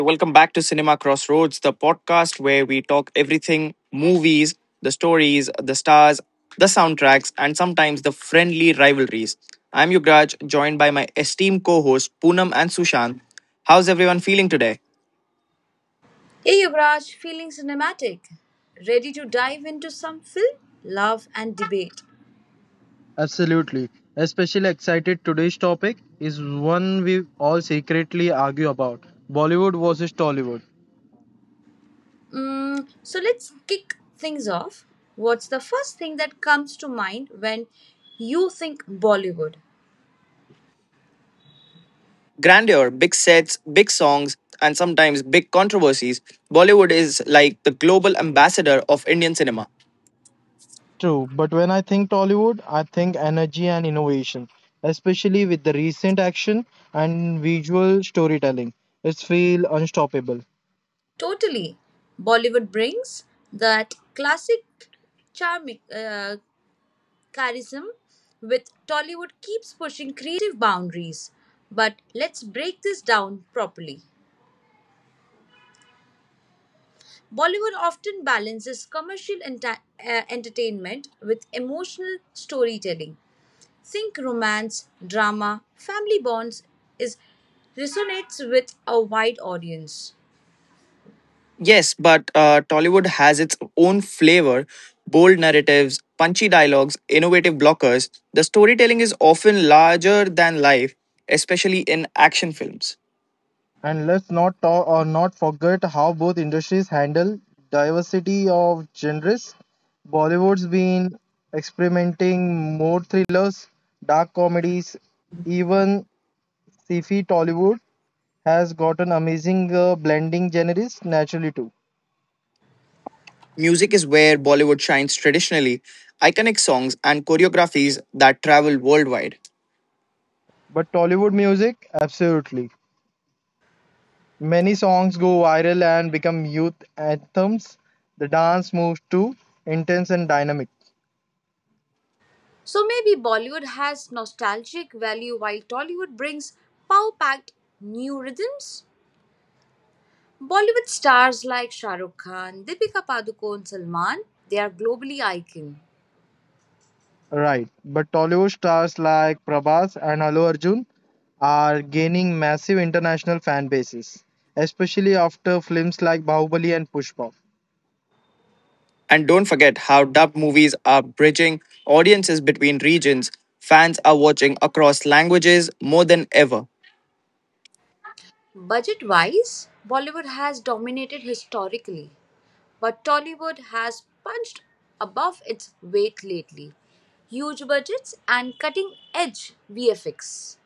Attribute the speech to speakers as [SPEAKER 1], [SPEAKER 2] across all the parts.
[SPEAKER 1] welcome back to Cinema Crossroads, the podcast where we talk everything movies, the stories, the stars, the soundtracks, and sometimes the friendly rivalries. I'm Yuvraj, joined by my esteemed co host Poonam and Sushant. How's everyone feeling today?
[SPEAKER 2] Hey Yuvraj, feeling cinematic. Ready to dive into some film, love, and debate.
[SPEAKER 3] Absolutely. Especially excited today's topic is one we all secretly argue about Bollywood versus Tollywood.
[SPEAKER 2] So let's kick things off. What's the first thing that comes to mind when you think Bollywood?
[SPEAKER 1] Grandeur, big sets, big songs, and sometimes big controversies, Bollywood is like the global ambassador of Indian cinema.
[SPEAKER 3] True, but when I think Tollywood, I think energy and innovation, especially with the recent action and visual storytelling. It's feel unstoppable.
[SPEAKER 2] Totally. Bollywood brings that classic charming charism with Tollywood keeps pushing creative boundaries. But let's break this down properly. Bollywood often balances commercial entertainment with emotional storytelling. Think romance, drama, family bonds is resonates with a wide audience.
[SPEAKER 1] Yes, but Tollywood has its own flavor bold narratives, punchy dialogues, innovative blockers. The storytelling is often larger than life, especially in action films.
[SPEAKER 3] And let's not talk or not forget how both industries handle diversity of genres. Bollywood's been experimenting more thrillers, dark comedies, even Sci-fi Tollywood has got an amazing blending genres naturally too.
[SPEAKER 1] Music is where Bollywood shines traditionally, iconic songs and choreographies that travel worldwide.
[SPEAKER 3] But Tollywood music, absolutely. Many songs go viral and become youth anthems. The dance moves too intense and dynamic.
[SPEAKER 2] So maybe Bollywood has nostalgic value while Tollywood brings power-packed new rhythms. Bollywood stars like Shah Rukh Khan, Deepika Padukone, Salman, they are globally icon.
[SPEAKER 3] Right. But Tollywood stars like Prabhas and Allu Arjun are gaining massive international fan bases, especially after films like Bahubali and Pushpa.
[SPEAKER 1] And don't forget how dubbed movies are bridging audiences between regions. Fans are watching across languages more than ever.
[SPEAKER 2] Budget-wise, Bollywood has dominated historically, but Tollywood has punched above its weight lately. Huge budgets and cutting-edge VFX.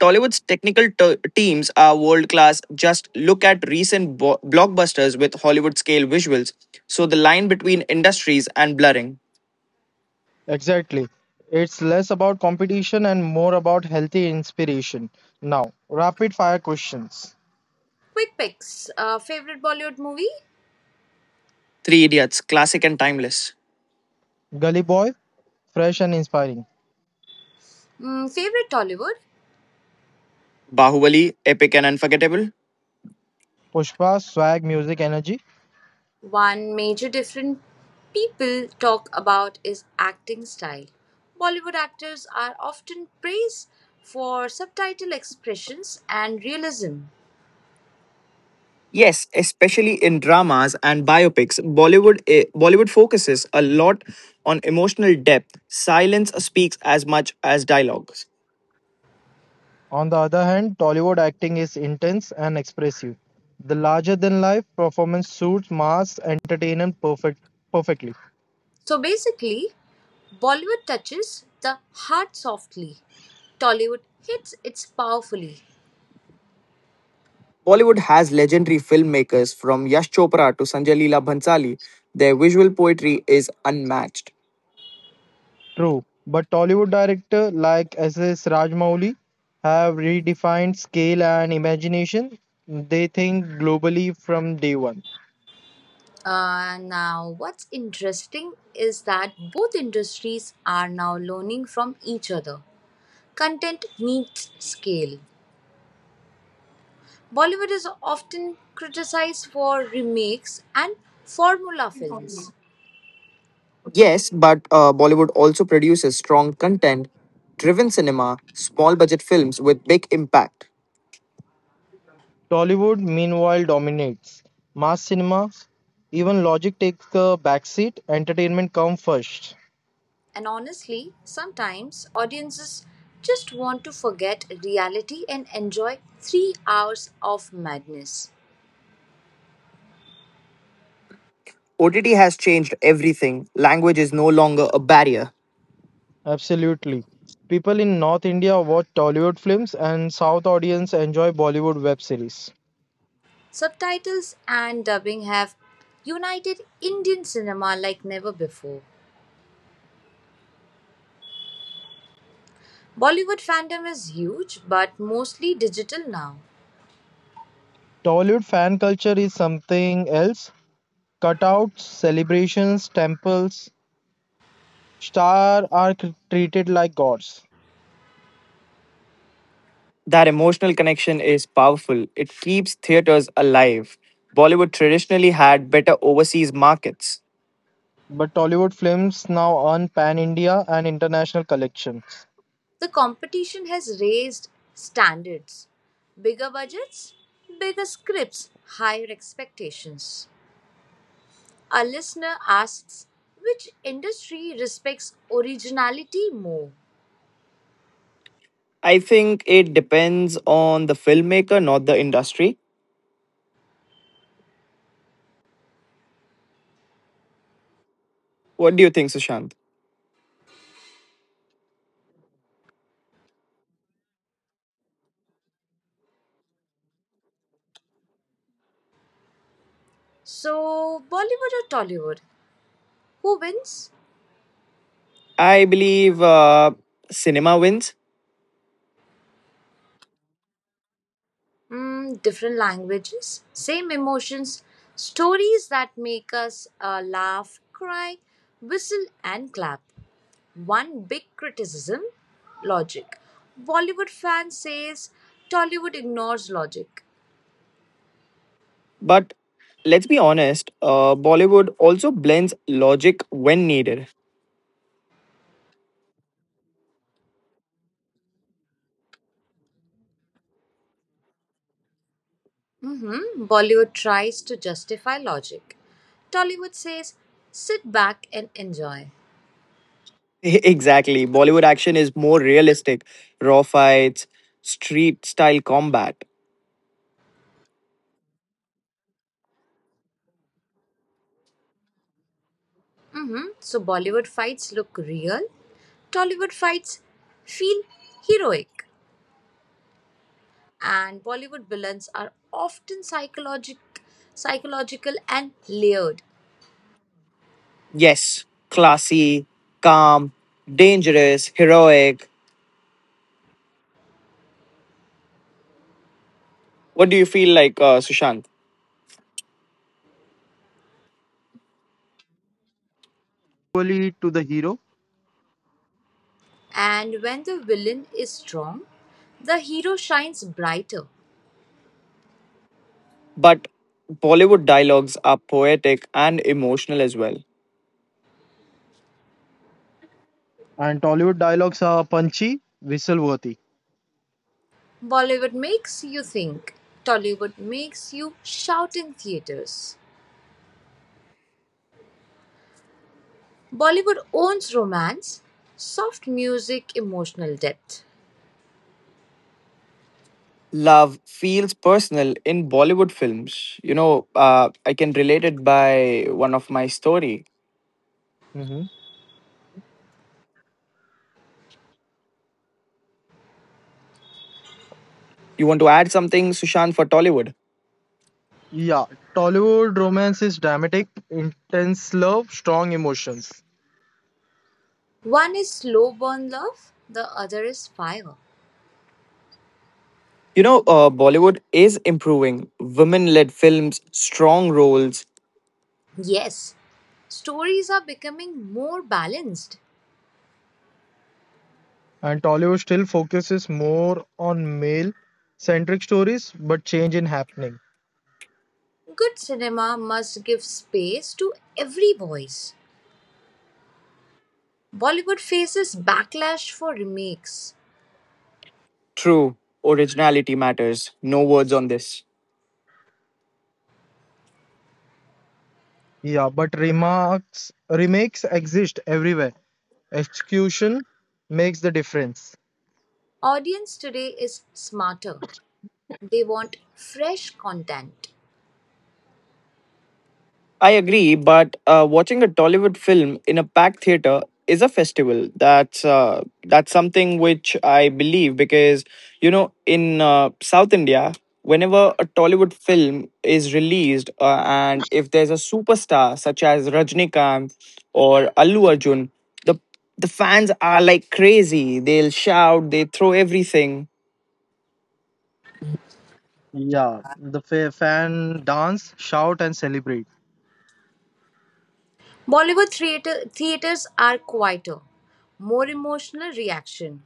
[SPEAKER 1] Tollywood's technical teams are world class. Just look at recent blockbusters with Hollywood scale visuals. So the line between industries and blurring.
[SPEAKER 3] Exactly. It's less about competition and more about healthy inspiration. Now, rapid fire questions.
[SPEAKER 2] Quick picks. Favorite Bollywood movie?
[SPEAKER 1] Three Idiots, classic and timeless.
[SPEAKER 3] Gully Boy, fresh and inspiring.
[SPEAKER 2] Mm, favorite Tollywood?
[SPEAKER 1] Bahubali, epic and unforgettable.
[SPEAKER 3] Pushpa, swag, music, energy.
[SPEAKER 2] One major difference people talk about is acting style. Bollywood actors are often praised for subtitle expressions and realism.
[SPEAKER 1] Yes, especially in dramas and biopics, Bollywood focuses a lot on emotional depth. Silence speaks as much as dialogues.
[SPEAKER 3] On the other hand, Tollywood acting is intense and expressive. The larger than life performance suits mass entertainment perfectly.
[SPEAKER 2] So basically, Bollywood touches the heart softly, Tollywood hits it powerfully.
[SPEAKER 1] Bollywood has legendary filmmakers from Yash Chopra to Sanjay Leela Bhansali. Their visual poetry is unmatched.
[SPEAKER 3] True, but Tollywood director like S.S. Rajmouli have redefined scale and imagination. They think globally from day one.
[SPEAKER 2] Now, what's interesting is that both industries are now learning from each other. Content needs scale. Bollywood is often criticized for remakes and formula films.
[SPEAKER 1] Yes, but Bollywood also produces strong content driven cinema, small budget films with big impact.
[SPEAKER 3] Tollywood, meanwhile, dominates mass cinema. Even logic takes a backseat. Entertainment comes first.
[SPEAKER 2] And honestly, sometimes audiences just want to forget reality and enjoy 3 hours of madness.
[SPEAKER 1] OTT has changed everything. Language is no longer a barrier.
[SPEAKER 3] Absolutely. People in North India watch Tollywood films, and South audience enjoy Bollywood web series.
[SPEAKER 2] Subtitles and dubbing have united Indian cinema like never before. Bollywood fandom is huge but mostly digital now.
[SPEAKER 3] Tollywood fan culture is something else. Cutouts, celebrations, temples, star are treated like gods.
[SPEAKER 1] That emotional connection is powerful. It keeps theaters alive. Bollywood traditionally had better overseas markets.
[SPEAKER 3] But Tollywood films now earn pan India and international collections.
[SPEAKER 2] The competition has raised standards. Bigger budgets, bigger scripts, higher expectations. A listener asks which industry respects originality more?
[SPEAKER 1] I think it depends on the filmmaker, not the industry. What do you think, Sushant?
[SPEAKER 2] So, Bollywood or Tollywood? Who wins?
[SPEAKER 1] I believe cinema wins,
[SPEAKER 2] Mm, different languages, same emotions, stories that make us laugh, cry, whistle, and clap. One big criticism logic. Bollywood fan says Tollywood ignores logic.
[SPEAKER 1] but let's be honest, Bollywood also blends logic when needed.
[SPEAKER 2] Mm-hmm. Bollywood tries to justify logic. Tollywood says sit back and enjoy.
[SPEAKER 1] exactly. Bollywood action is more realistic, raw fights, street style combat.
[SPEAKER 2] Mm-hmm. So Bollywood fights look real, Tollywood fights feel heroic. And Bollywood villains are often psychological and layered.
[SPEAKER 1] Yes, classy, calm, dangerous, heroic. What do you feel like, Sushant?
[SPEAKER 3] Equally to the hero,
[SPEAKER 2] And when the villain is strong, the hero shines brighter.
[SPEAKER 1] But Bollywood dialogues are poetic and emotional as well.
[SPEAKER 3] and Tollywood dialogues are punchy, whistle-worthy.
[SPEAKER 2] Bollywood makes you think. Tollywood makes you shout in theaters. Bollywood owns romance, soft music, emotional depth.
[SPEAKER 1] Love feels personal in Bollywood films. I can relate it by one of my story.
[SPEAKER 3] Mhm.
[SPEAKER 1] You want to add something, Sushant, for Tollywood?
[SPEAKER 3] Yeah, Tollywood romance is dramatic, intense love, strong emotions.
[SPEAKER 2] One is slow burn love, the other is fire.
[SPEAKER 1] Bollywood is improving. Women-led films, strong roles,
[SPEAKER 2] Yes, stories are becoming more balanced.
[SPEAKER 3] And Tollywood still focuses more on male centric stories, but change in happening.
[SPEAKER 2] Good cinema must give space to every voice. Bollywood faces backlash for remakes.
[SPEAKER 1] true originality matters. No words on this.
[SPEAKER 3] Yeah, but remarks remakes exist everywhere. Execution makes the difference.
[SPEAKER 2] Audience today is smarter. They want fresh content.
[SPEAKER 1] I agree, but watching a Tollywood film in a packed theater is a festival. That's something which I believe because you know in South India, whenever a Tollywood film is released, and if there's a superstar such as Rajnikant or Allu Arjun, the the fans are like crazy. They'll shout, they throw everything.
[SPEAKER 3] Yeah, the fan dance, shout, and celebrate.
[SPEAKER 2] Bollywood theatres are quieter, more emotional reaction.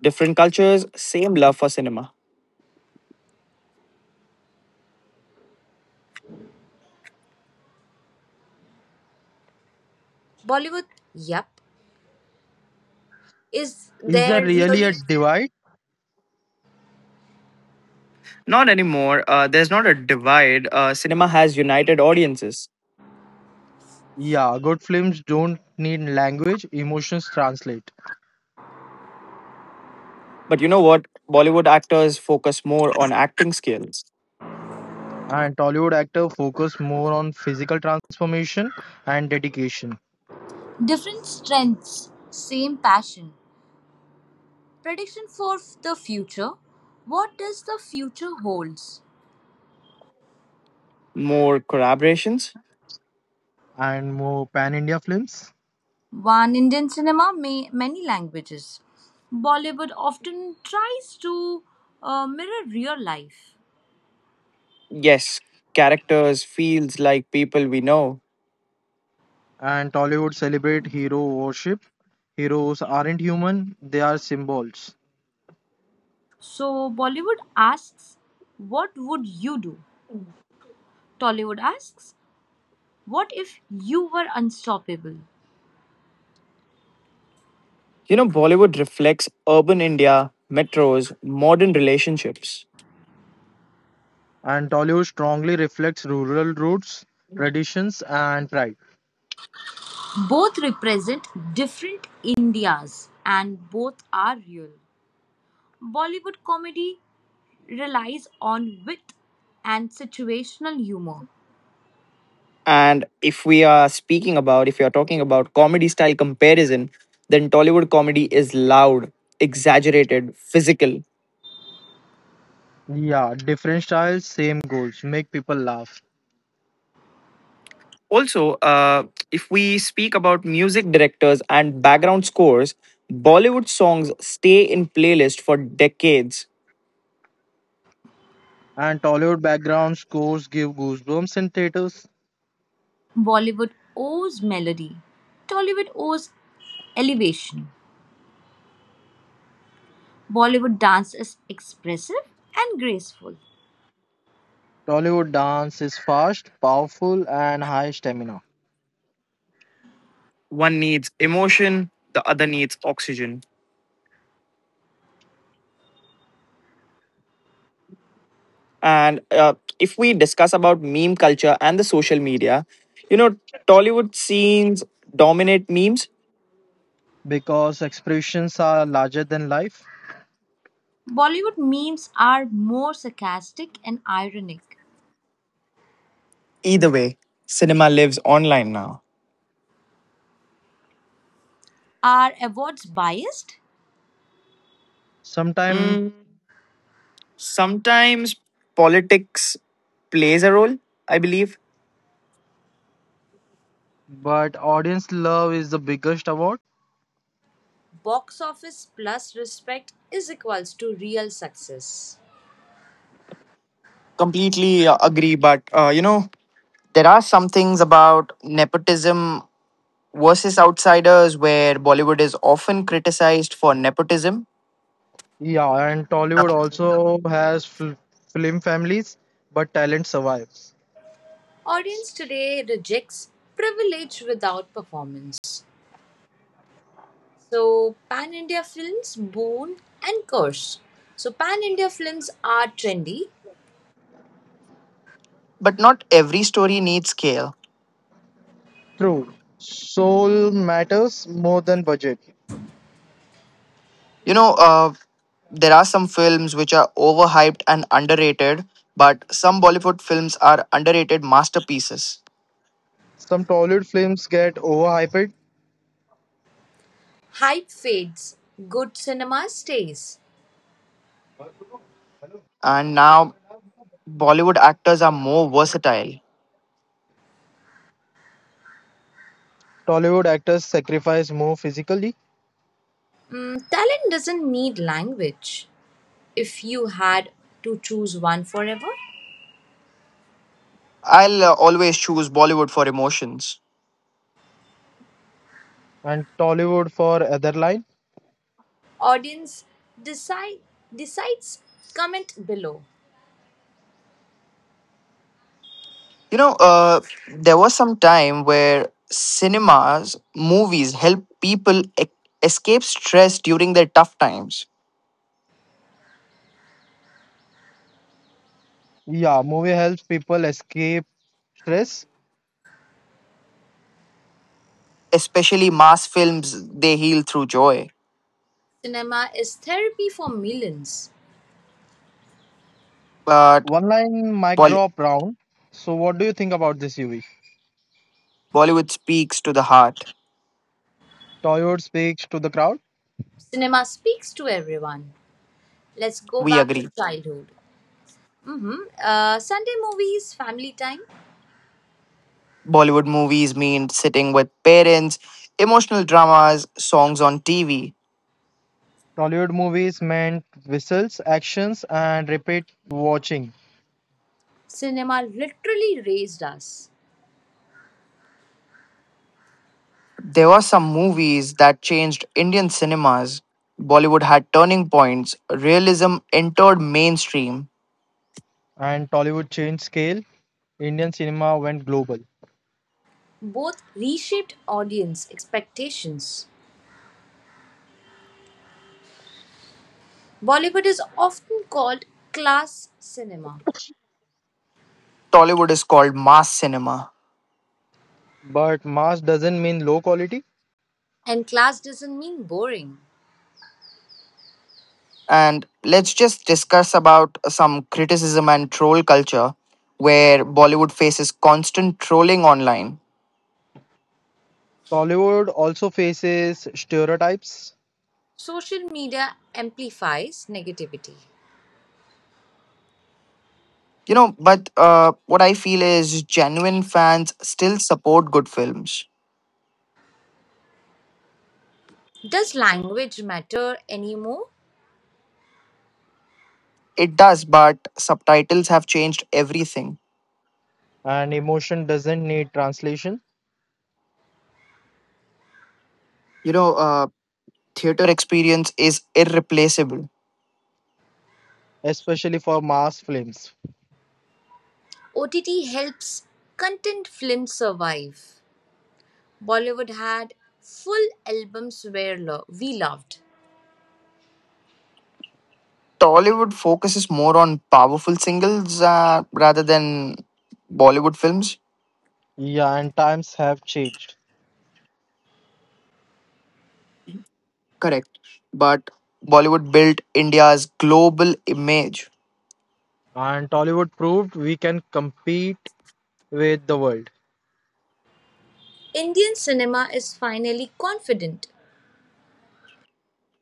[SPEAKER 1] Different cultures, same love for cinema.
[SPEAKER 2] Bollywood, yep. Is
[SPEAKER 3] Is there
[SPEAKER 2] there
[SPEAKER 3] really a
[SPEAKER 2] really
[SPEAKER 3] divide?
[SPEAKER 1] Not anymore. There's not a divide. Cinema has united audiences.
[SPEAKER 3] Yeah, good films don't need language, emotions translate.
[SPEAKER 1] But you know what? Bollywood actors focus more on acting skills,
[SPEAKER 3] And Tollywood actor focus more on physical transformation and dedication.
[SPEAKER 2] different strengths, same passion? Prediction for the future. What does the future holds?
[SPEAKER 1] more collaborations.
[SPEAKER 3] And more pan-India films.
[SPEAKER 2] One Indian cinema, may many languages. Bollywood often tries to mirror real life.
[SPEAKER 1] Yes, characters feels like people we know.
[SPEAKER 3] And Tollywood celebrate hero worship. Heroes aren't human, they are symbols.
[SPEAKER 2] So Bollywood asks, "What would you do?" Tollywood asks, "What if you were unstoppable?"
[SPEAKER 1] You know, Bollywood reflects urban India, metros, modern relationships.
[SPEAKER 3] And Tollywood strongly reflects rural roots, traditions and pride.
[SPEAKER 2] Both represent different Indias and both are real. Bollywood comedy relies on wit and situational humor.
[SPEAKER 1] And if we are speaking about, if we are talking about comedy style comparison, then Tollywood comedy is loud, exaggerated, physical.
[SPEAKER 3] Yeah, different styles, same goals, make people laugh.
[SPEAKER 1] Also, if we speak about music directors and background scores, Bollywood songs stay in playlist for decades.
[SPEAKER 3] And Tollywood background scores give goosebumps in theaters.
[SPEAKER 2] Bollywood owes melody. Tollywood owes elevation. Bollywood dance is expressive and graceful.
[SPEAKER 3] Tollywood dance is fast, powerful, and high stamina
[SPEAKER 1] One needs emotion, the other needs oxygen. And if we discuss about meme culture and the social media, you know, Tollywood scenes dominate memes.
[SPEAKER 3] because expressions are larger than life
[SPEAKER 2] Bollywood memes are more sarcastic and ironic.
[SPEAKER 1] Either way, cinema lives online now.
[SPEAKER 2] Are awards biased?
[SPEAKER 3] sometimes,
[SPEAKER 1] Mm, sometimes politics plays a role, I believe.
[SPEAKER 3] but audience love is the biggest award.
[SPEAKER 2] Box office plus respect is equals to real success.
[SPEAKER 1] Completely agree, but you know, there are some things about nepotism versus outsiders where Bollywood is often criticized for nepotism,
[SPEAKER 3] Yeah, and Tollywood
[SPEAKER 1] but
[SPEAKER 3] also has film families, but talent survives.
[SPEAKER 2] Audience today rejects privilege without performance. So pan India films boon and curse. So pan India films are trendy,
[SPEAKER 1] not every story needs scale.
[SPEAKER 3] True. Soul matters more than budget.
[SPEAKER 1] You know, uh, there are some films which are overhyped and underrated, but some Bollywood films are underrated masterpieces.
[SPEAKER 3] Some Tollywood films get overhyped.
[SPEAKER 2] hype fades, good cinema stays.
[SPEAKER 1] And now Bollywood actors are more versatile.
[SPEAKER 3] Tollywood actors sacrifice more physically,
[SPEAKER 2] Mm, talent doesn't need language. If you had to choose one forever,
[SPEAKER 1] I'll always choose Bollywood for emotions.
[SPEAKER 3] and Tollywood for other line.
[SPEAKER 2] audience decide decides, comment below.
[SPEAKER 1] You know, uh, there was some time where cinemas, movies help people escape stress during their tough times.
[SPEAKER 3] Yeah, movie helps people escape stress
[SPEAKER 1] Especially mass films, they heal through joy.
[SPEAKER 2] Cinema is therapy for millions.
[SPEAKER 1] But
[SPEAKER 3] One line mic
[SPEAKER 1] Bolly
[SPEAKER 3] drop round. So, what do you think about this, UV?
[SPEAKER 1] Bollywood speaks to the heart.
[SPEAKER 3] Tollywood speaks to the crowd.
[SPEAKER 2] Cinema speaks to everyone. Let's go
[SPEAKER 1] We
[SPEAKER 2] back to
[SPEAKER 1] agree.
[SPEAKER 2] childhood. hmm Sunday movies, family time.
[SPEAKER 1] Bollywood movies mean sitting with parents, emotional dramas, songs on TV.
[SPEAKER 3] Tollywood movies meant whistles, actions, and repeat watching.
[SPEAKER 2] Cinema literally raised us.
[SPEAKER 1] There were some movies that changed Indian cinemas. Bollywood had turning points. Realism entered mainstream
[SPEAKER 3] And Tollywood changed scale. Indian cinema went global.
[SPEAKER 2] Both reshaped audience expectations. Bollywood is often called class cinema,
[SPEAKER 1] Tollywood is called mass cinema.
[SPEAKER 3] But mass doesn't mean low quality.
[SPEAKER 2] and class doesn't mean boring.
[SPEAKER 1] And let's just discuss about some criticism and troll culture where Bollywood faces constant trolling online.
[SPEAKER 3] Tollywood also faces stereotypes,
[SPEAKER 2] Social media amplifies negativity.
[SPEAKER 1] You know, but what I feel is genuine fans still support good films.
[SPEAKER 2] Does language matter anymore?
[SPEAKER 1] It does, but subtitles have changed everything.
[SPEAKER 3] and emotion doesn't need translation,
[SPEAKER 1] You know, uh, theater experience is irreplaceable.
[SPEAKER 3] especially for mass films.
[SPEAKER 2] OTT helps content films survive. Bollywood had full albums where we loved.
[SPEAKER 1] Tollywood focuses more on powerful singles rather than Bollywood films.
[SPEAKER 3] Yeah, and times have changed.
[SPEAKER 1] Correct. But Bollywood built India's global image.
[SPEAKER 3] And Tollywood proved we can compete with the world.
[SPEAKER 2] Indian cinema is finally confident.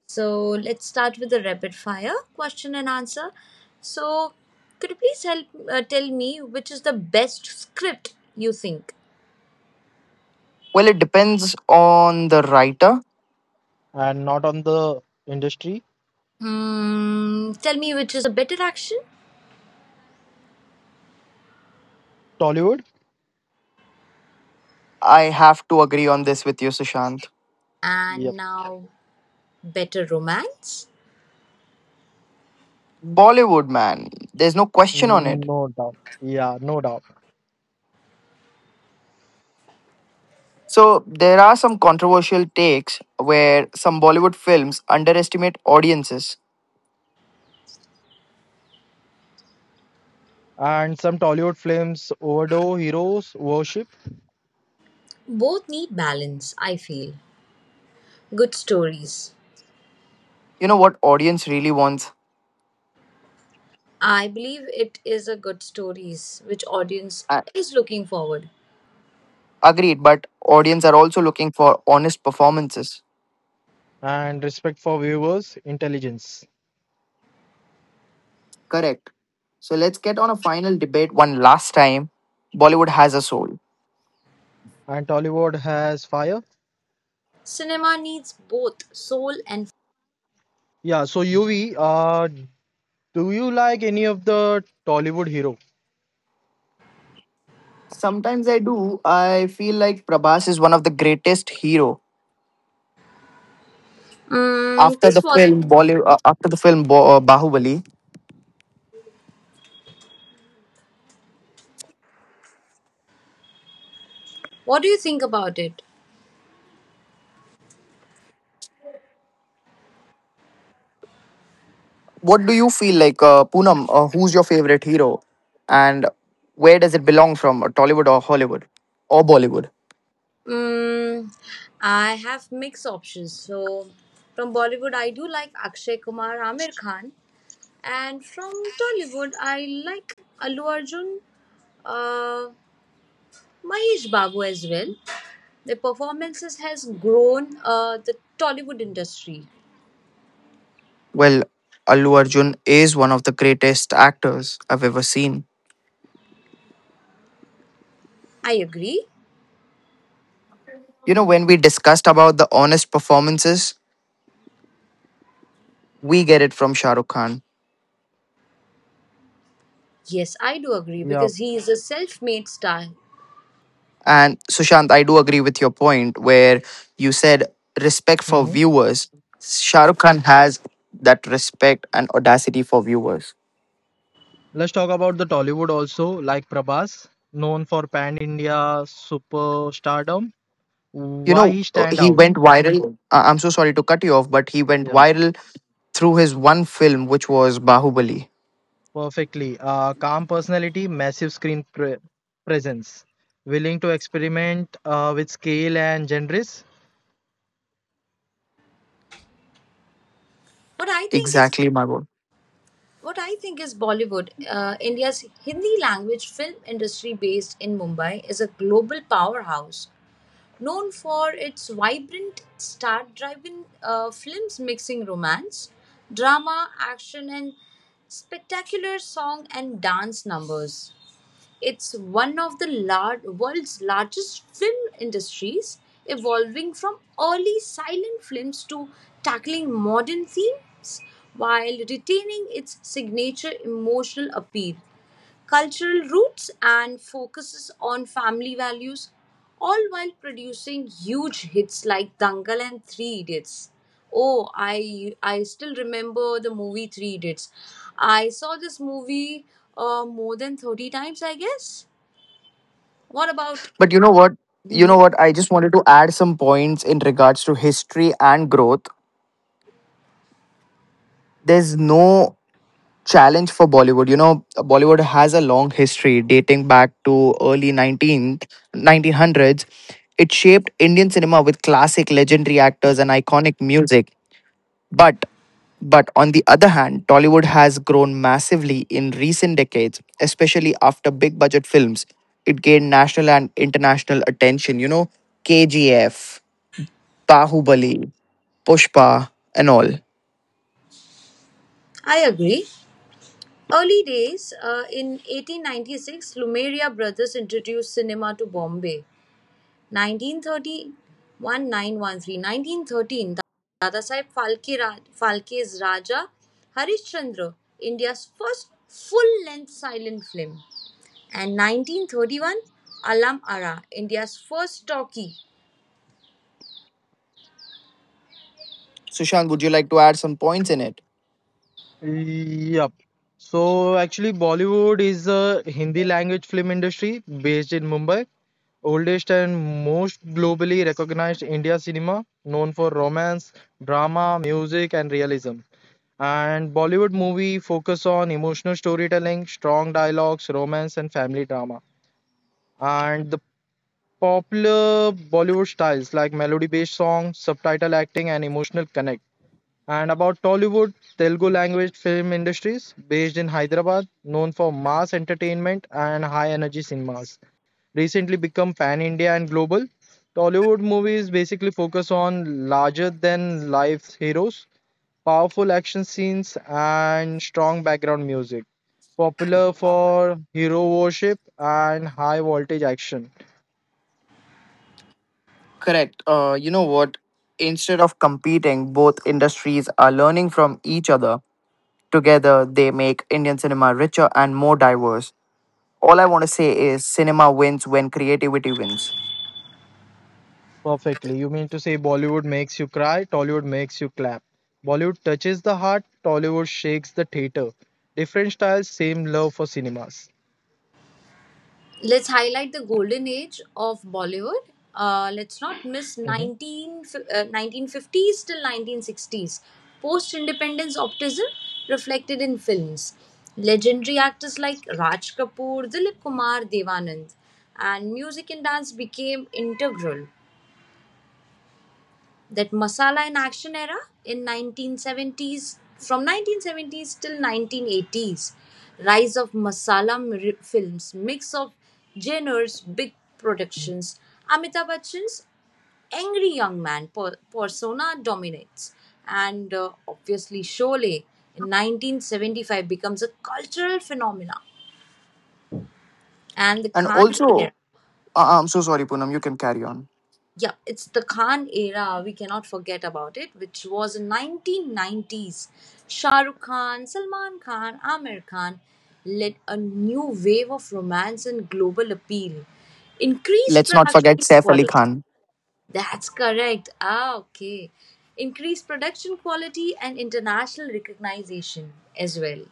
[SPEAKER 2] So let's start with the rapid fire question and answer. So, could you please help tell me which is the best script you think?
[SPEAKER 1] Well, it depends on the writer.
[SPEAKER 3] And not on the industry.
[SPEAKER 2] Hmm, tell me which is the better action
[SPEAKER 3] Tollywood?
[SPEAKER 1] I have to agree on this with you, Sushant.
[SPEAKER 3] Yep.
[SPEAKER 2] and now better romance.
[SPEAKER 1] Bollywood, man, there's no question on it.
[SPEAKER 3] No doubt. Yeah, no doubt.
[SPEAKER 1] So, there are some controversial takes where some Bollywood films underestimate audiences.
[SPEAKER 3] And some Tollywood films overdo heroes, worship,
[SPEAKER 2] Both need balance, I feel. Good stories.
[SPEAKER 1] You know what audience really wants?
[SPEAKER 2] I believe it is a good stories which audience
[SPEAKER 1] A-
[SPEAKER 2] is looking forward.
[SPEAKER 1] Agreed, but audience are also looking for honest performances.
[SPEAKER 3] and respect for viewers, intelligence.
[SPEAKER 1] Correct. So, let's get on a final debate one last time. Bollywood has a soul.
[SPEAKER 3] And Tollywood has fire.
[SPEAKER 2] Cinema needs both soul and
[SPEAKER 3] Yeah, so UV, do you like any of the Tollywood hero?
[SPEAKER 1] Sometimes I do. I feel like Prabhas is one of the greatest hero after the
[SPEAKER 2] This
[SPEAKER 1] film
[SPEAKER 2] wasn't.
[SPEAKER 1] Bollywood, after the film Bahubali.
[SPEAKER 2] What do you think about it?
[SPEAKER 1] What do you feel like, Poonam? Who's your favorite hero, and where does it belong from, Tollywood or Hollywood or Bollywood?
[SPEAKER 2] Mm, I have mixed options. So, from Bollywood, I do like Akshay Kumar, Amir Khan, and from Tollywood, I like Allu Arjun, uh, Mahesh Babu as well. The performances has grown the Tollywood industry.
[SPEAKER 1] Well, Allu Arjun is one of the greatest actors I've ever seen.
[SPEAKER 2] I agree.
[SPEAKER 1] You know, when we discussed about the honest performances, we get it from Shah Rukh Khan.
[SPEAKER 2] Yes, I do agree
[SPEAKER 3] Yeah.
[SPEAKER 2] because he is a self-made star.
[SPEAKER 1] And Sushant, I do agree with your point where you said respect for
[SPEAKER 3] hmm
[SPEAKER 1] viewers. Shah Rukh Khan has that respect and audacity for viewers.
[SPEAKER 3] Let's talk about the Tollywood also, like Prabhas, known for pan-India superstardom. Why he stand
[SPEAKER 1] He
[SPEAKER 3] out?
[SPEAKER 1] went viral. I'm so sorry to cut you off, but he went
[SPEAKER 3] Yeah.
[SPEAKER 1] viral through his one film, which was Bahubali.
[SPEAKER 3] Perfectly. Calm personality, massive screen presence, willing to experiment with scale and genres.
[SPEAKER 2] What I think is
[SPEAKER 1] Exactly, my word.
[SPEAKER 2] What I think is Bollywood, India's Hindi language film industry based in Mumbai, is a global powerhouse known for its vibrant, star driven films mixing romance, drama, action, and spectacular song and dance numbers. It's one of the world's largest film industries, evolving from early silent films to tackling modern themes while retaining its signature emotional appeal cultural roots and focuses on family values, all while producing huge hits like Dangal and Three Idiots. Oh, I still remember the movie Three Idiots. I saw this movie more than 30 times, I guess. What about?
[SPEAKER 1] But you know what? You know what? I just wanted to add some points in regards to history and growth. There's no challenge for Bollywood. You know, Bollywood has a long history dating back to early 19th, 1900s. It shaped Indian cinema with classic legendary actors and iconic music. But on the other hand, Tollywood has grown massively in recent decades, especially after big budget films. It gained national and international attention, you know, KGF, Bahubali, Pushpa, and all.
[SPEAKER 2] I agree. Early days, in 1896, Lumeria brothers introduced cinema to Bombay. 1913 1913 1913 Dadasaheb Phalke, Phalke's Raja Harishchandra, India's first full length silent film. And 1931 Alam Ara, India's first talkie.
[SPEAKER 1] Sushant, would you like to add some points in it?
[SPEAKER 3] Yup. So actually, Bollywood is a Hindi language film industry based in Mumbai, oldest and most globally recognized India cinema, known for romance, drama, music, and realism. And Bollywood movie focus on emotional storytelling, strong dialogues, romance, and family drama. And the popular Bollywood styles like melody-based songs, subtitle acting, and emotional connect. And about Tollywood, Telugu language film industries based in Hyderabad, known for mass entertainment and high-energy cinemas, recently become pan-India and global. Tollywood movies basically focus on larger-than-life heroes, powerful action scenes, and strong background music, popular for hero worship and high-voltage action.
[SPEAKER 1] Correct. You know what? Instead of competing, both industries are learning from each other. Together, they make Indian cinema richer and more diverse. All I want to say is cinema wins when creativity wins.
[SPEAKER 3] Perfectly. You mean to say Bollywood makes you cry, Tollywood makes you clap. Bollywood touches the heart, Tollywood shakes the theater. Different styles, same love for cinemas.
[SPEAKER 2] Let's highlight the golden age of Bollywood. Let's not miss
[SPEAKER 3] Mhm.
[SPEAKER 2] 1950s till 1960s. Post independence optimism reflected in films. Legendary actors like Raj Kapoor, Dilip Kumar, Devanand, and music and dance became integral that Masala in Action era in 1970s, from 1970s till 1980s, rise of masala films, mix of genres, big productions. Amitabh Bachchan's angry young man persona dominates, and obviously Sholay in 1975 becomes a cultural phenomena, and the
[SPEAKER 1] And
[SPEAKER 2] Khan era.
[SPEAKER 1] also, I'm so sorry, Poonam, you can carry on.
[SPEAKER 2] Yeah, it's the Khan era. We cannot forget about it, which was in 1990s. Shah Rukh Khan, Salman Khan, Amir Khan led a new wave of romance and global appeal. Increased
[SPEAKER 1] Let's not forget
[SPEAKER 2] production
[SPEAKER 1] Saif Ali
[SPEAKER 2] quality.
[SPEAKER 1] Khan.
[SPEAKER 2] That's correct. Ah, okay. Increased production quality and international recognition as well.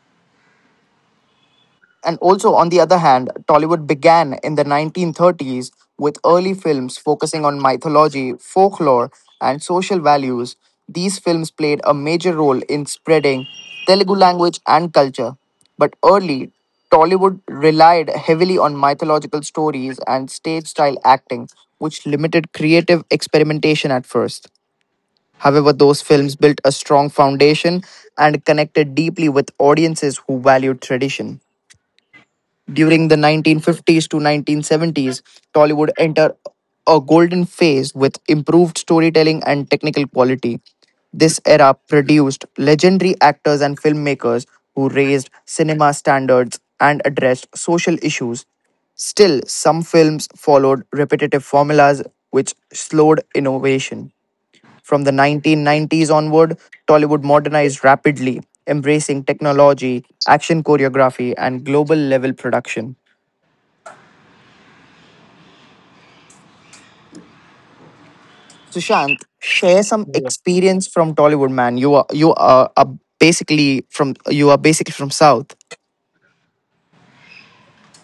[SPEAKER 1] And also, on the other hand, Tollywood began in the 1930s with early films focusing on mythology, folklore, and social values. These films played a major role in spreading Telugu language and culture. But early, Tollywood relied heavily on mythological stories and stage style acting, which limited creative experimentation at first. However, those films built a strong foundation and connected deeply with audiences who valued tradition. During the 1950s to 1970s, Tollywood entered a golden phase with improved storytelling and technical quality. This era produced legendary actors and filmmakers who raised cinema standards and addressed social issues. Still, some films followed repetitive formulas which slowed innovation. From the 1990s onward, Tollywood modernized rapidly, embracing technology, action choreography, and global level production. Sushant, share some
[SPEAKER 3] Yep.
[SPEAKER 1] experience from Tollywood, man. You are basically from you are basically from South.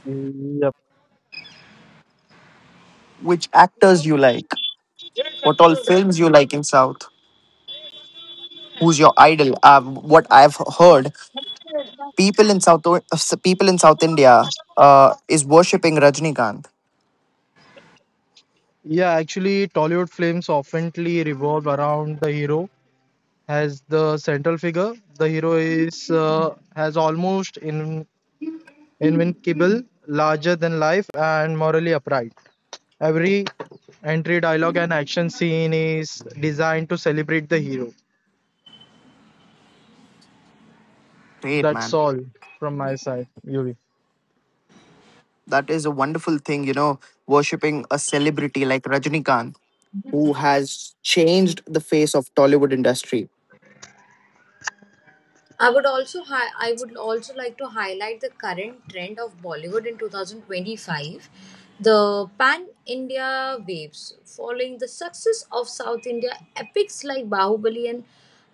[SPEAKER 3] Yep.
[SPEAKER 1] Which actors you like? What all films you like in South? Who's your idol? What I've heard, people in South uh, people in South India is worshipping Rajnikant.
[SPEAKER 3] Yeah, actually, Tollywood films oftenly revolve around the hero as the central figure. The hero is has almost invincible, larger than life, and morally upright. Every entry, dialogue, and action scene is designed to celebrate the hero.
[SPEAKER 1] Great
[SPEAKER 3] That's
[SPEAKER 1] man,
[SPEAKER 3] all from my side, Yuri.
[SPEAKER 1] that is a wonderful thing. You know, worshipping a celebrity like Rajnikant, who has changed the face of Tollywood industry.
[SPEAKER 2] I would also I would also like to highlight the current trend of Bollywood in 2025, the Pan India waves, following the success of South India epics like Bahubali and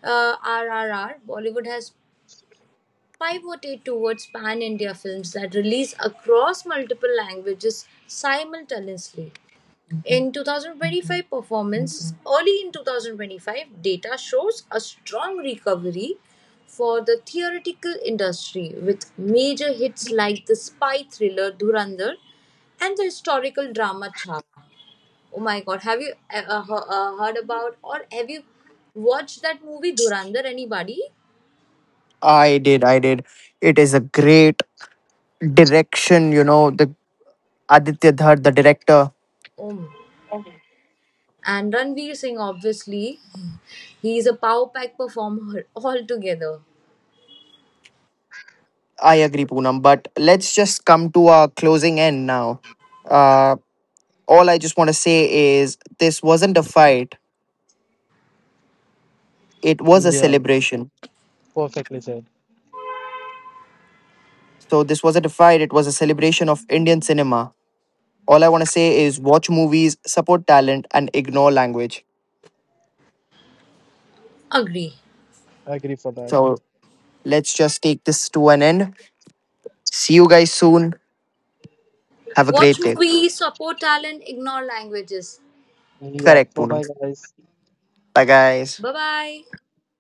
[SPEAKER 2] RRR. Bollywood has pivoted towards Pan India films that release across multiple languages simultaneously. In 2025 performance, early in 2025, data shows a strong recovery for the theoretical industry with major hits like the spy thriller Dhurandhar and the historical drama Chhava. Oh my god, have you heard about or have you watched that movie Dhurandhar? Anybody?
[SPEAKER 1] I did. It is a great direction, you know, the Aditya Dhar, the director.
[SPEAKER 2] Um, and Ranveer Singh, obviously, he is a power pack performer altogether.
[SPEAKER 1] I agree, Poonam. But let's just come to our closing end now. Uh, all I just want to say is this wasn't a fight, it was a
[SPEAKER 3] Yeah,
[SPEAKER 1] celebration.
[SPEAKER 3] perfectly said.
[SPEAKER 1] So, this wasn't a fight, it was a celebration of Indian cinema. All I want to say is watch movies, support talent, and ignore language.
[SPEAKER 2] Agree.
[SPEAKER 3] Agree for that.
[SPEAKER 1] So, let's just take this to an end. See you guys soon. Have a
[SPEAKER 2] Watch
[SPEAKER 1] great day.
[SPEAKER 2] movies, support talent, ignore languages.
[SPEAKER 3] Yeah,
[SPEAKER 1] Correct,
[SPEAKER 3] bye
[SPEAKER 1] Poonam.
[SPEAKER 3] bye, guys.
[SPEAKER 1] Bye, guys.
[SPEAKER 2] Bye bye.